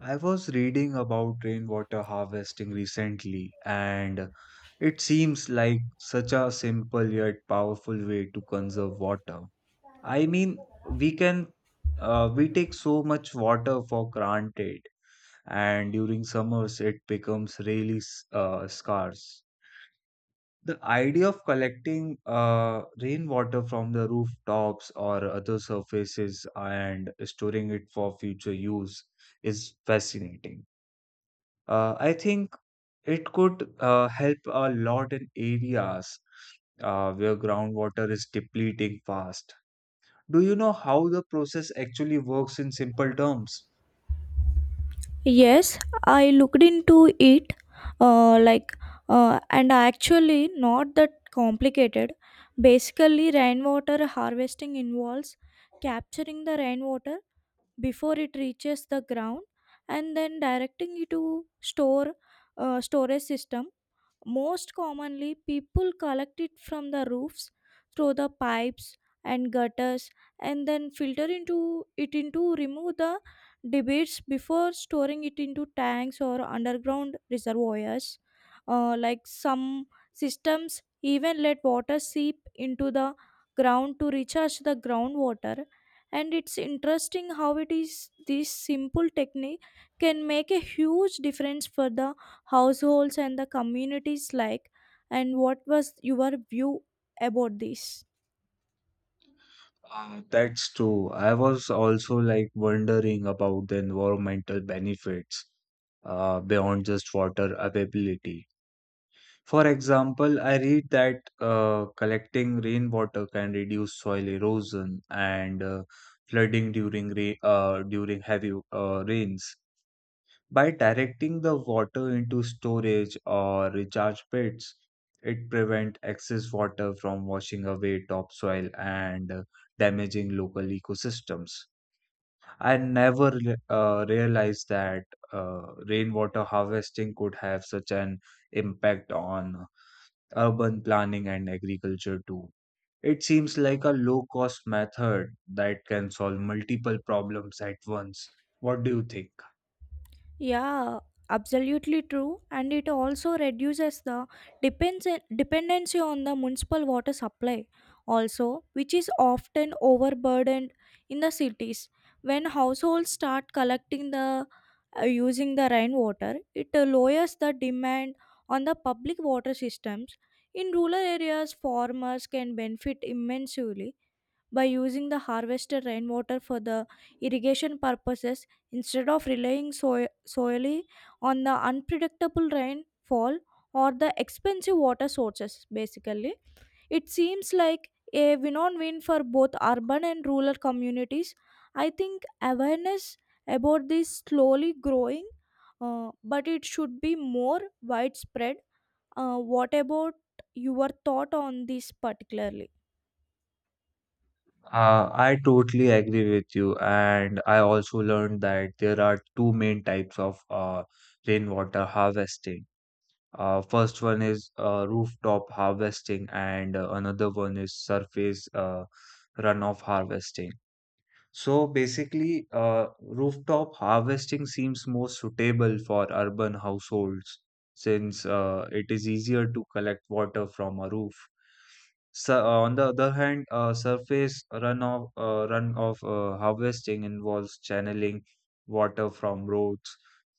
I was reading about rainwater harvesting recently, and it seems like such a simple yet powerful way to conserve water. I mean, we take so much water for granted, and during summers it becomes really scarce. The idea of collecting rainwater from the rooftops or other surfaces and storing it for future use is fascinating. I think it could help a lot in areas where groundwater is depleting fast. Do you know how the process actually works in simple terms? Yes, I looked into it, uh, like, and actually not that complicated. Basically, rainwater harvesting involves capturing the rainwater before it reaches the ground and then directing it to store storage system. Most commonly, people collect it from the roofs through the pipes and gutters and then filter into it into remove the debris before storing it into tanks or underground reservoirs. Like some systems even let water seep into the ground to recharge the groundwater, and it's interesting how it is this simple technique can make a huge difference for the households and the communities. Like, and what was your view about this? That's true. I was also like wondering about the environmental benefits beyond just water availability. For example, I read that collecting rainwater can reduce soil erosion and flooding during during heavy rains. By directing the water into storage or recharge pits, it prevents excess water from washing away topsoil and damaging local ecosystems. I never realized that rainwater harvesting could have such an impact on urban planning and agriculture too. It seems like a low cost method that can solve multiple problems at once. What do you think? Yeah, absolutely true, and it also reduces the depends dependency on the municipal water supply also, which is often overburdened in the cities. When households start collecting the using the rainwater, it lowers the demand on the public water systems. In rural areas, farmers can benefit immensely by using the harvested rainwater for the irrigation purposes instead of relying solely on the unpredictable rainfall or the expensive water sources. Basically, it seems like a win-win win for both urban and rural communities. I think awareness about this slowly growing, but it should be more widespread. What about your thought on this particularly? I totally agree with you, and I also learned that there are two main types of rainwater harvesting. First one is rooftop harvesting, and another one is surface runoff harvesting. So basically, rooftop harvesting seems more suitable for urban households since it is easier to collect water from a roof. So, on the other hand, surface runoff harvesting involves channeling water from roads,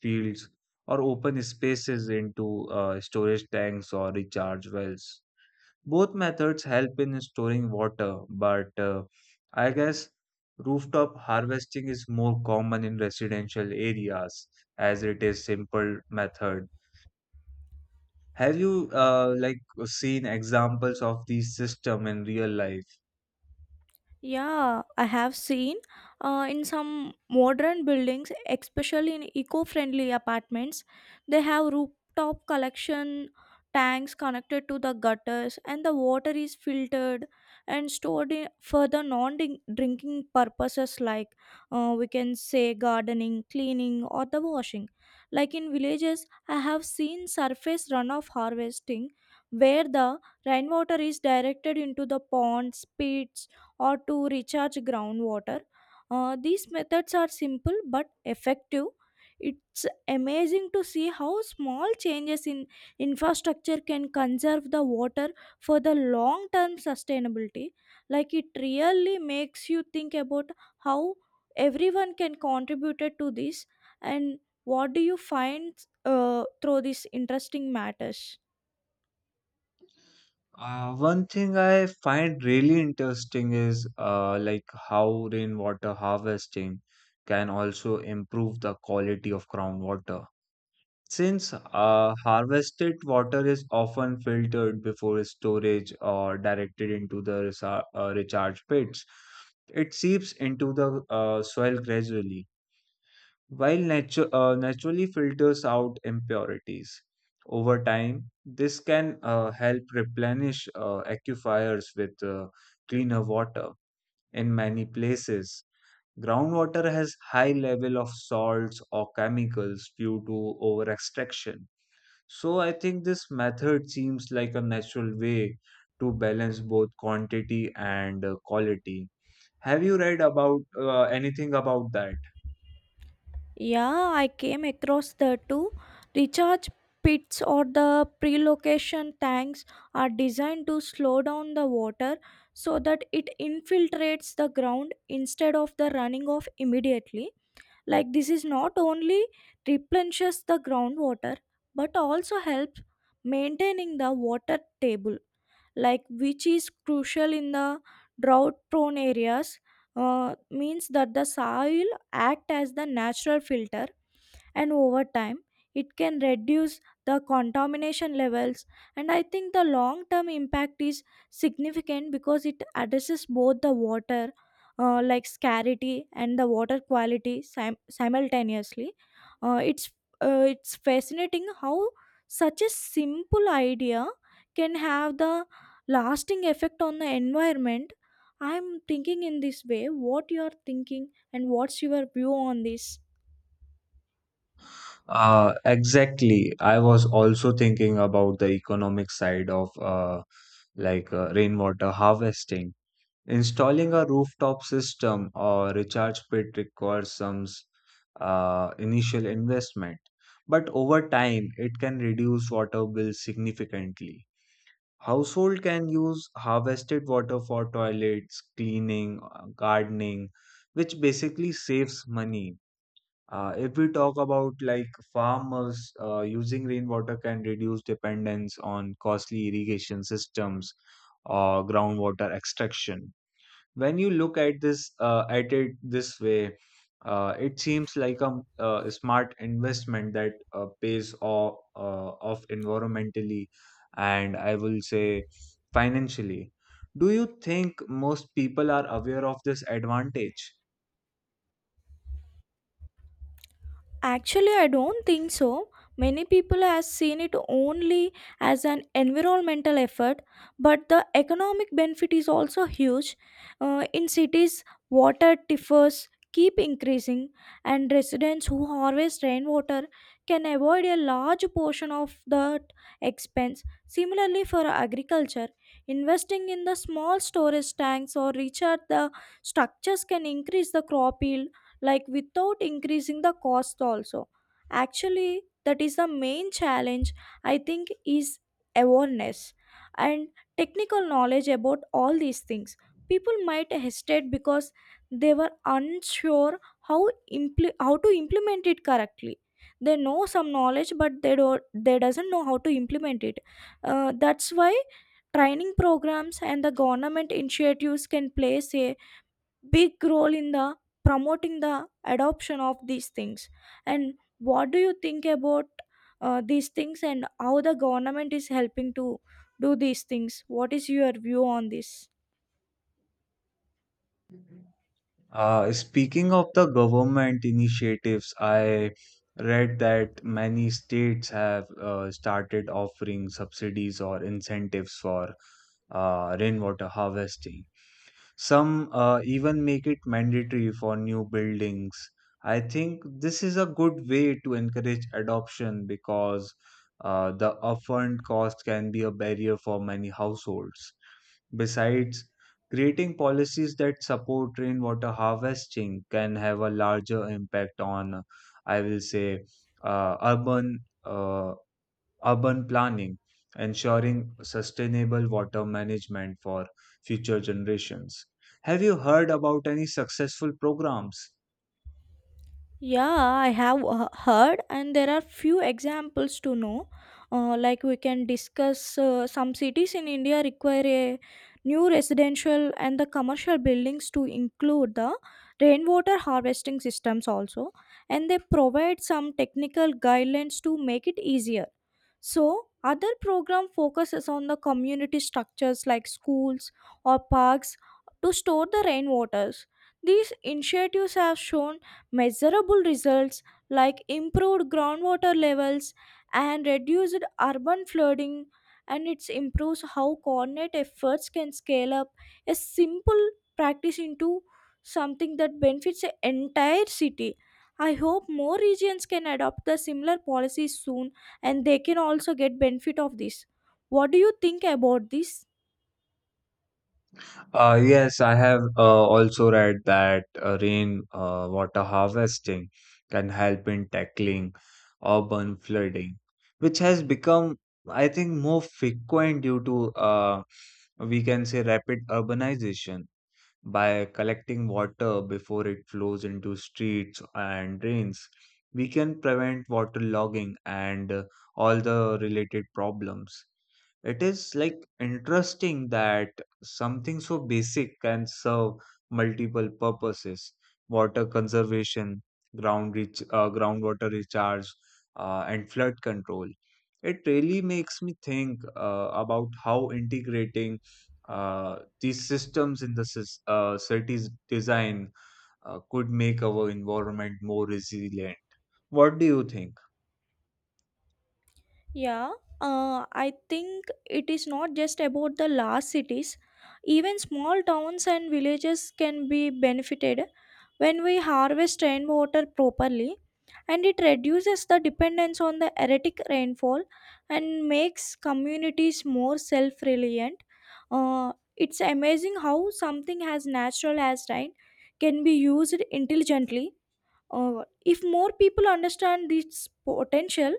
fields, or open spaces into storage tanks or recharge wells. Both methods help in storing water, but I guess rooftop harvesting is more common in residential areas as it is simple method. Have you like seen examples of these system in real life? Yeah, I have seen, in some modern buildings, especially in eco-friendly apartments, they have rooftop collection tanks connected to the gutters, and the water is filtered and stored in for the non-drinking purposes, like, we can say gardening, cleaning, or the washing. Like in villages, I have seen surface runoff harvesting where the rainwater is directed into the ponds, pits, or to recharge groundwater. These methods are simple but effective. It's amazing to see how small changes in infrastructure can conserve the water for the long term sustainability. Like, it really makes you think about how everyone can contribute to this. And what do you find through these interesting matters? One thing I find really interesting is like how rainwater harvesting can also improve the quality of groundwater. Since harvested water is often filtered before storage or directed into the recharge pits, it seeps into the soil gradually, while naturally filters out impurities. Over time, this can help replenish aquifers with cleaner water. In many places, groundwater has high level of salts or chemicals due to over extraction, so I think this method seems like a natural way to balance both quantity and quality. Have you read about anything about that? Yeah, I came across the two. Recharge pits or the pre-location tanks are designed to slow down the water so that it infiltrates the ground instead of the running off immediately. Like, this is not only replenishes the groundwater but also helps maintaining the water table, like which is crucial in the drought-prone areas. Means that the soil act as the natural filter, and over time it can reduce the contamination levels. And I think the long term impact is significant because it addresses both the water like scarcity and the water quality simultaneously. uh, it's it's fascinating how such a simple idea can have the lasting effect on the environment. I'm thinking in this way. What you are thinking, and what's your view on this? Exactly. I was also thinking about the economic side of rainwater harvesting. Installing a rooftop system or recharge pit requires some initial investment, but over time it can reduce water bills significantly. Household can use harvested water for toilets, cleaning, gardening, which basically saves money. If we talk about like farmers, using rainwater can reduce dependence on costly irrigation systems or groundwater extraction. When you look at this at it this way, it seems like a smart investment that pays off, off environmentally, and I will say financially. Do you think most people are aware of this advantage? Actually, I don't think so. Many people have seen it only as an environmental effort, but the economic benefit is also huge. In cities, water differs keep increasing, and residents who harvest rainwater can avoid a large portion of that expense. Similarly, for agriculture, investing in the small storage tanks or recharge the structures can increase the crop yield, like without increasing the cost also. Actually, that is the main challenge, I think, is awareness and technical knowledge about all these things. People might hesitate because they were unsure how how to implement it correctly. They know some knowledge, but they don't they doesn't know how to implement it. That's why training programs and the government initiatives can play a big role in the promoting the adoption of these things. And what do you think about these things, and how the government is helping to do these things? What is your view on this? Speaking of the government initiatives, I read that many states have started offering subsidies or incentives for rainwater harvesting. Some even make it mandatory for new buildings. I think this is a good way to encourage adoption because the upfront cost can be a barrier for many households. Besides, creating policies that support rainwater harvesting can have a larger impact on, I will say, uh, urban uh, urban planning, ensuring sustainable water management for future generations. Have you heard about any successful programs? Yeah, I have heard, and there are few examples to know. Like we can discuss, some cities in India require a new residential and the commercial buildings to include the rainwater harvesting systems also, and they provide some technical guidelines to make it easier. So, other program focuses on the community structures like schools or parks to store the rainwaters. These initiatives have shown measurable results, like improved groundwater levels and reduced urban flooding, and it improves how coordinate efforts can scale up a simple practice into something that benefits the entire city. I hope more regions can adopt the similar policies soon, and they can also get benefit of this. What do you think about this? Yes, I have also read that rain water harvesting can help in tackling urban flooding, which has become, I think, more frequent due to, we can say, rapid urbanization. By collecting water before it flows into streets and drains, we can prevent waterlogging and all the related problems. It is like interesting that something so basic can serve multiple purposes: water conservation, groundwater recharge, and flood control. It really makes me think about how integrating these systems in the cities design could make our environment more resilient. What do you think? Yeah, I think it is not just about the large cities. Even small towns and villages can be benefited when we harvest rainwater properly, and it reduces the dependence on the erratic rainfall and makes communities more self-reliant. It's amazing how something as natural as rain can be used intelligently. If more people understand this potential,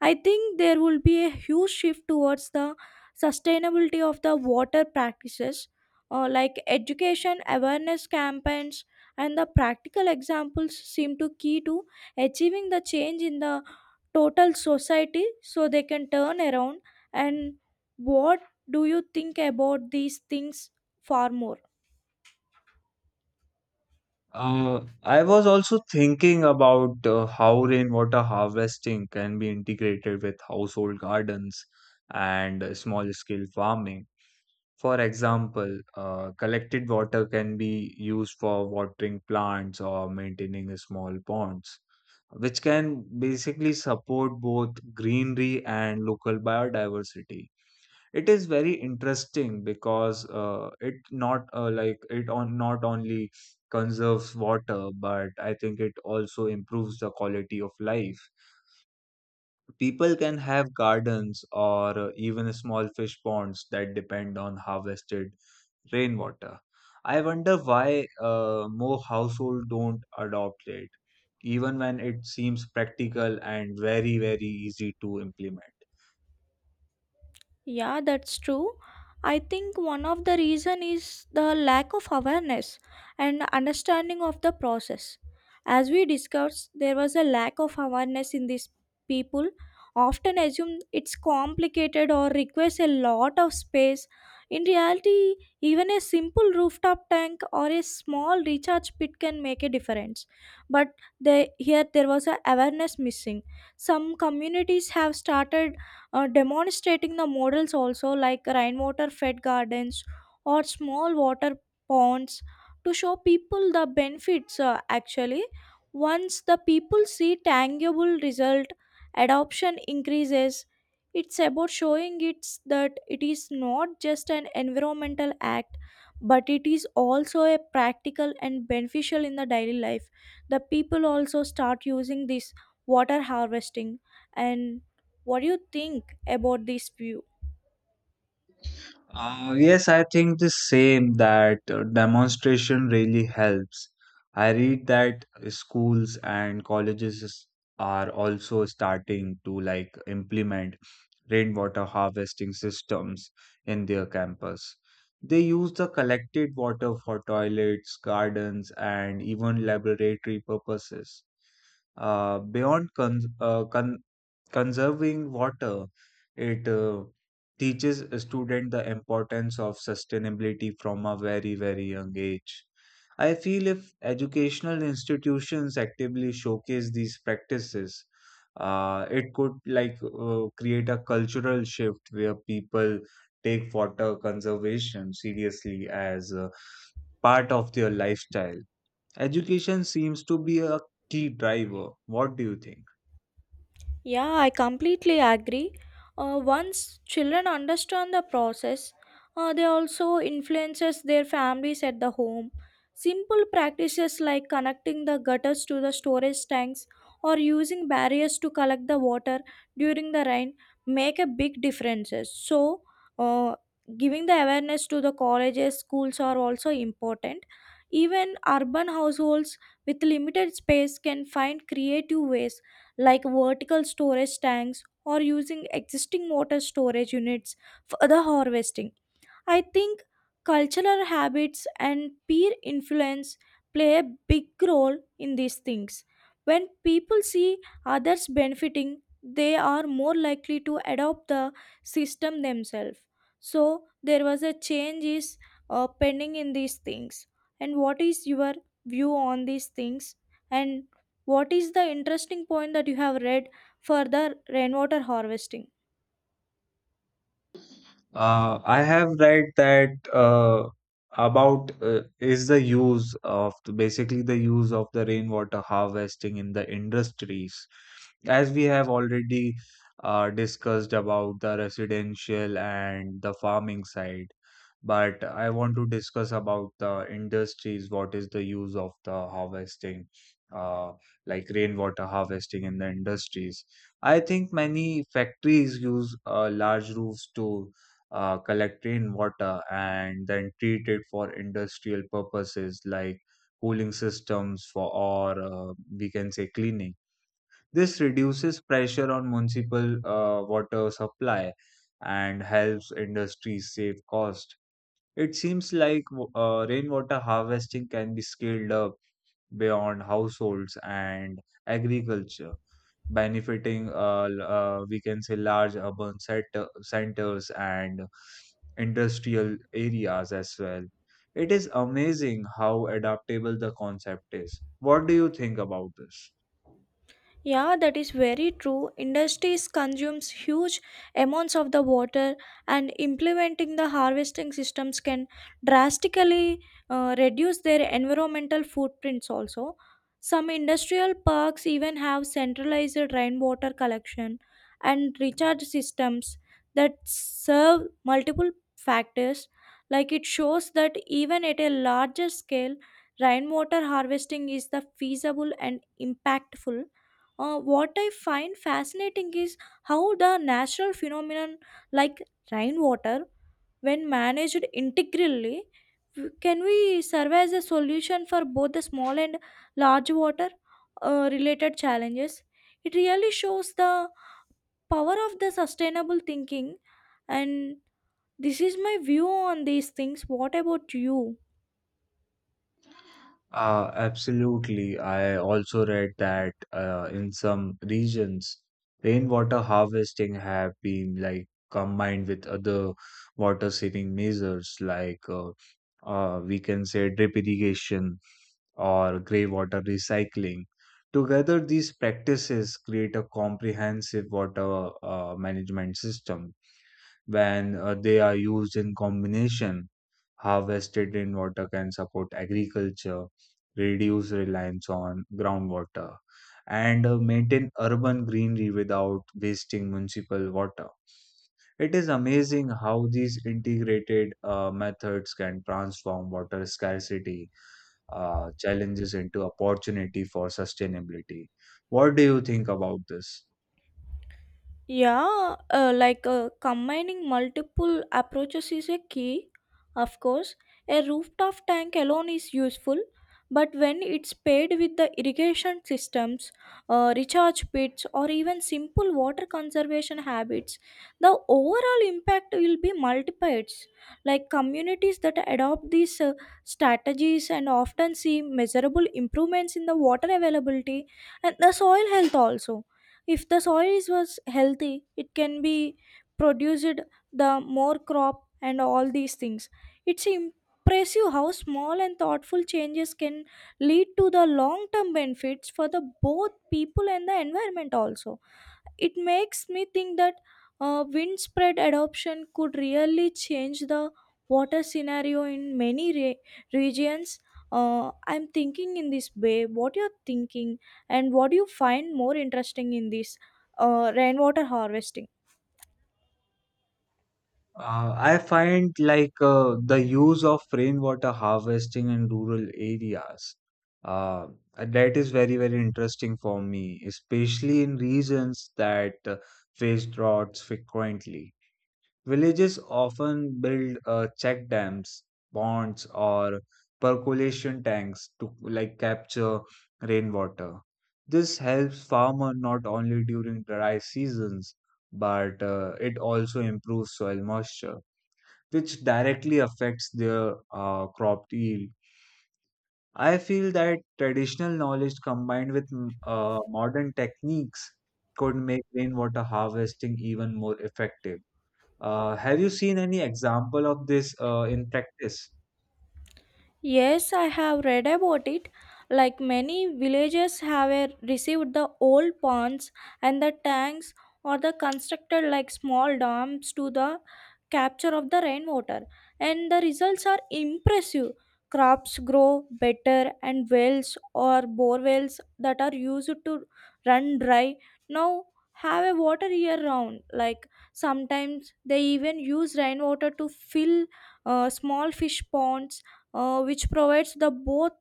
I think there will be a huge shift towards the sustainability of the water practices, like education, awareness campaigns, and the practical examples seem to key to achieving the change in the total society so they can turn around. And what do you think about these things far more? I was also thinking about how rainwater harvesting can be integrated with household gardens and small scale farming. For example, collected water can be used for watering plants or maintaining small ponds, which can basically support both greenery and local biodiversity. It is very interesting because it not like it on not only conserves water, but I think it also improves the quality of life. People can have gardens or even small fish ponds that depend on harvested rainwater. I wonder why more households don't adopt it, even when it seems practical and very, very easy to implement. Yeah, that's true. I think one of the reason is the lack of awareness and understanding of the process. As we discussed, there was a lack of awareness in these people. Often assume it's complicated or requires a lot of space. In reality, even a simple rooftop tank or a small recharge pit can make a difference. But they, here there was a awareness missing. Some communities have started demonstrating the models also, like rainwater fed gardens or small water ponds, to show people the benefits. Actually, once the people see tangible result, adoption increases. It's about showing it's that it is not just an environmental act, but it is also a practical and beneficial in the daily life. The people also start using this water harvesting. And what do you think about this view? Yes, I think the same that demonstration really helps. I read that schools and colleges are also starting to like implement rainwater harvesting systems in their campus. They use the collected water for toilets, gardens, and even laboratory purposes. Beyond conserving water, it teaches a student the importance of sustainability from a very very young age. I feel if educational institutions actively showcase these practices, it could create a cultural shift where people take water conservation seriously as a part of their lifestyle. Education seems to be a key driver. What do you think? Yeah, I completely agree. Once children understand the process, they also influences their families at the home. Simple practices like connecting the gutters to the storage tanks or using barriers to collect the water during the rain make a big differences. So, uh, giving the awareness to the colleges, schools are also important. Even urban households with limited space can find creative ways, like vertical storage tanks or using existing water storage units for the harvesting. I think cultural habits and peer influence play a big role in these things. When people see others benefiting, they are more likely to adopt the system themselves. So there was a change is pending in these things. And what is your view on these things? And what is the interesting point that you have read for the rainwater harvesting? I have read that about is the use of the, basically the use of the rainwater harvesting in the industries. As we have already discussed about the residential and the farming side, but I want to discuss about the industries. What is the use of the harvesting, uh, like rainwater harvesting in the industries? I think many factories use large roofs to collect rainwater and then treat it for industrial purposes like cooling systems for or we can say cleaning. This reduces pressure on municipal water supply and helps industries save cost. It seems like rainwater harvesting can be scaled up beyond households and agriculture, benefiting we can say large urban centers and industrial areas as well. It is amazing how adaptable the concept is. What do you think about this? Yeah, that is very true. Industries consumes huge amounts of the water, and implementing the harvesting systems can drastically reduce their environmental footprints. Also, some industrial parks even have centralized rainwater collection and recharge systems that serve multiple factors. Like it shows that even at a larger scale, rainwater harvesting is the feasible and impactful. What I find fascinating is how the natural phenomenon, like rainwater, when managed integrally, can we serve as a solution for both the small and large water related challenges. It really shows the power of the sustainable thinking, and this is my view on these things. What about you? Absolutely. I also read that in some regions, rainwater harvesting have been like combined with other water saving measures, like we can say drip irrigation or grey water recycling. Together, these practices create a comprehensive water management system. When they are used in combination, harvested rainwater can support agriculture, reduce reliance on groundwater, and maintain urban greenery without wasting municipal water. It is amazing how these integrated methods can transform water scarcity challenges into opportunity for sustainability. What do you think about this? Yeah, combining multiple approaches is a key. Of course, a rooftop tank alone is useful, but when it's paired with the irrigation systems, recharge pits, or even simple water conservation habits, the overall impact will be multiplied. Like communities that adopt these strategies and often see measurable improvements in the water availability and the soil health also. If the soil is was healthy, it can be produced the more crop and all these things. It's impressive how small and thoughtful changes can lead to the long term benefits for the both people and the environment also. It makes me think that wind spread adoption could really change the water scenario in many regions. I'm thinking in this way. What you're thinking, and what do you find more interesting in this rainwater harvesting? I find like the use of rainwater harvesting in rural areas. Uh, that is very, very interesting for me, especially in regions that face droughts frequently. Villages often build check dams, ponds, or percolation tanks to like capture rainwater. This helps farmer not only during dry seasons, but it also improves soil moisture, which directly affects their crop yield. I feel that traditional knowledge combined with modern techniques could make rainwater harvesting even more effective. Have you seen any example of this in practice? Yes, I have read about it. Like many villages have received the old ponds and the tanks or the constructed like small dams to the capture of the rainwater, and the results are impressive. Crops grow better, and wells or bore wells that are used to run dry now have a water year round. Like, sometimes they even use rainwater to fill small fish ponds, which provides the both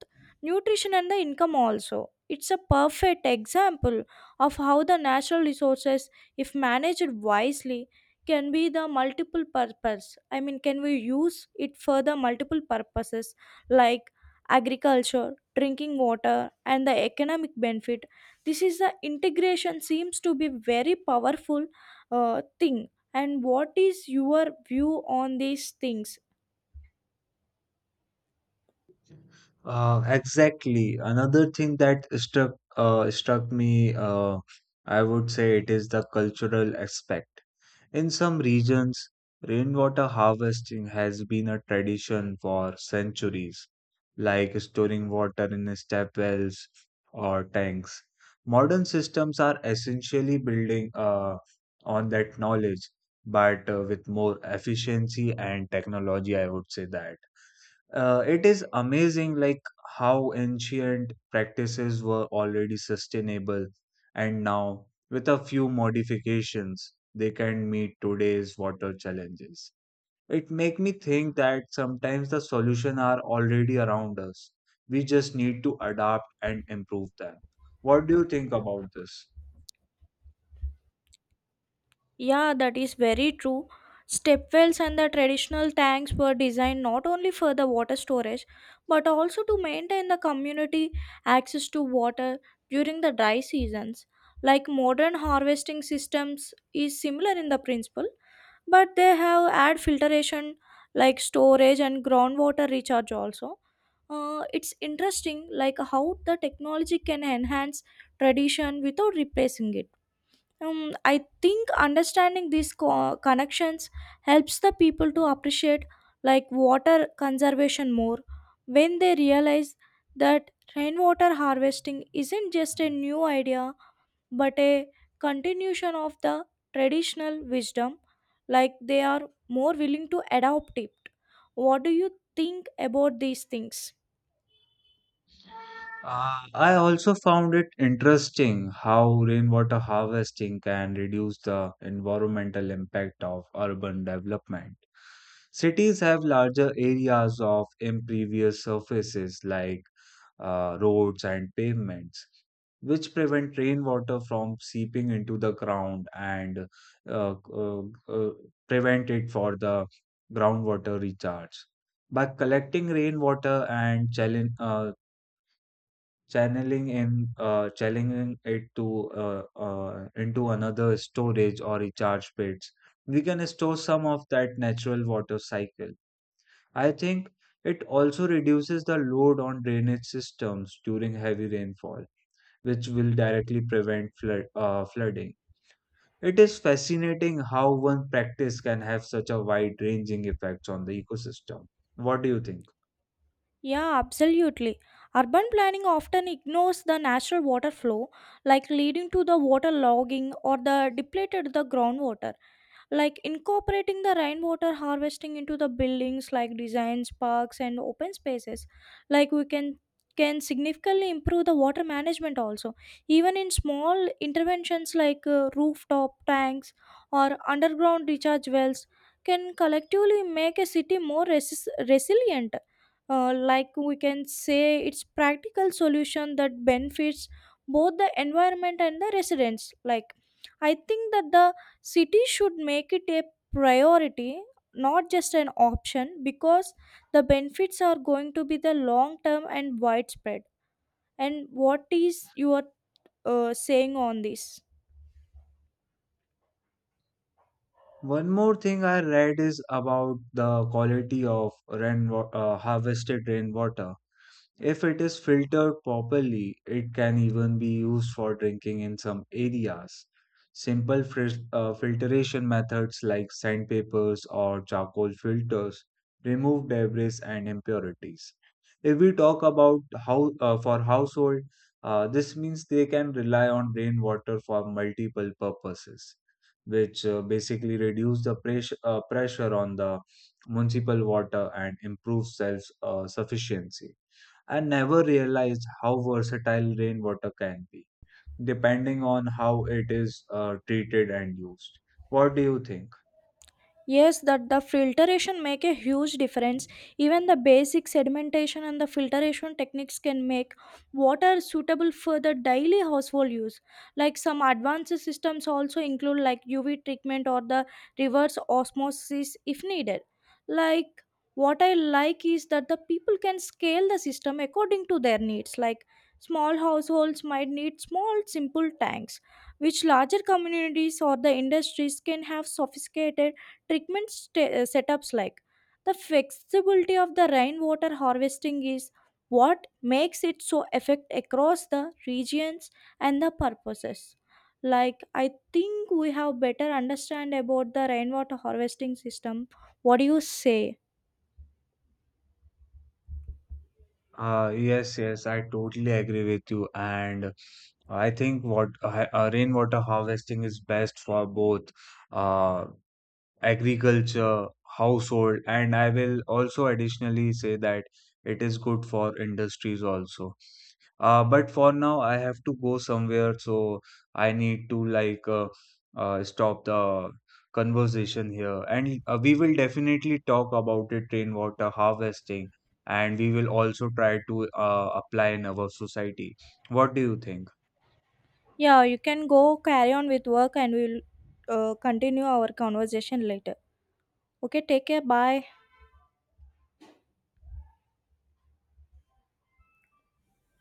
nutrition and the income also. It's a perfect example of how the natural resources, if managed wisely, can be the multiple purpose. I mean, can we use it for the multiple purposes, like agriculture, drinking water, and the economic benefit. This is the integration seems to be very powerful thing. And what is your view on these things? Exactly. Another thing that struck me, I would say, it is the cultural aspect. In some regions, rainwater harvesting has been a tradition for centuries, like storing water in step wells or tanks. Modern systems are essentially building on that knowledge, but with more efficiency and technology, I would say that. It is amazing like how ancient practices were already sustainable, and now with a few modifications they can meet today's water challenges. It make me think that sometimes the solution are already around us. We just need to adapt and improve them. What do you think about this? Yeah, that is very true. Stepwells and the traditional tanks were designed not only for the water storage but also to maintain the community access to water during the dry seasons. Like modern harvesting systems is similar in the principle, but they have add filtration, like storage and groundwater recharge also. It's interesting like how the technology can enhance tradition without replacing it. Um, I think understanding these connections helps the people to appreciate like water conservation more. When they realize that rainwater harvesting isn't just a new idea but a continuation of the traditional wisdom, like they are more willing to adopt it. What do you think about these things? I also found it interesting how rainwater harvesting can reduce the environmental impact of urban development. Cities have larger areas of impervious surfaces like roads and pavements, which prevent rainwater from seeping into the ground and uh, uh, uh, prevent it for the groundwater recharge. By collecting rainwater and challenge, channeling in channeling it to into another storage or recharge pits, we can store some of that natural water cycle. I think it also reduces the load on drainage systems during heavy rainfall, which will directly prevent flooding. It is fascinating how one practice can have such a wide ranging effects on the ecosystem. What do you think? Yeah, absolutely. Urban planning often ignores the natural water flow, like leading to the water logging or the depleted the groundwater. Like incorporating the rainwater harvesting into the buildings, like designs, parks, and open spaces. Like we can significantly improve the water management also. Even in small interventions like rooftop tanks or underground recharge wells can collectively make a city more resilient. Like we can say it's practical solution that benefits both the environment and the residents. Like, I think that the city should make it a priority, not just an option, because the benefits are going to be the long term and widespread. And what is your saying on this? One more thing I read is about the quality of harvested rainwater. If it is filtered properly, it can even be used for drinking in some areas. Simple filtration methods like sandpapers or charcoal filters remove debris and impurities. If we talk about how for household, this means they can rely on rainwater for multiple purposes, which basically reduce the pressure on the municipal water and improves self sufficiency. I never realized how versatile rainwater can be, depending on how it is treated and used. What do you think? Yes, that the filtration make a huge difference. Even the basic sedimentation and the filtration techniques can make water suitable for the daily household use. Like some advanced systems also include like UV treatment or the reverse osmosis if needed. Like, what I like is that the people can scale the system according to their needs. Like, small households might need small simple tanks, which larger communities or the industries can have sophisticated treatment setups. Like, the flexibility of the rainwater harvesting is what makes it so effect across the regions and the purposes. Like, I think we have better understand about the rainwater harvesting system. What do you say? Yes, yes, I totally agree with you. And I think what rainwater harvesting is best for both uh, agriculture, household, and I will also additionally say that it is good for industries also. But for now, I have to go somewhere, so I need to stop the conversation here. And we will definitely talk about it, rainwater harvesting, and we will also try to apply in our society. What do you think? Yeah, you can go, carry on with work, and we'll continue our conversation later. Okay, take care, bye.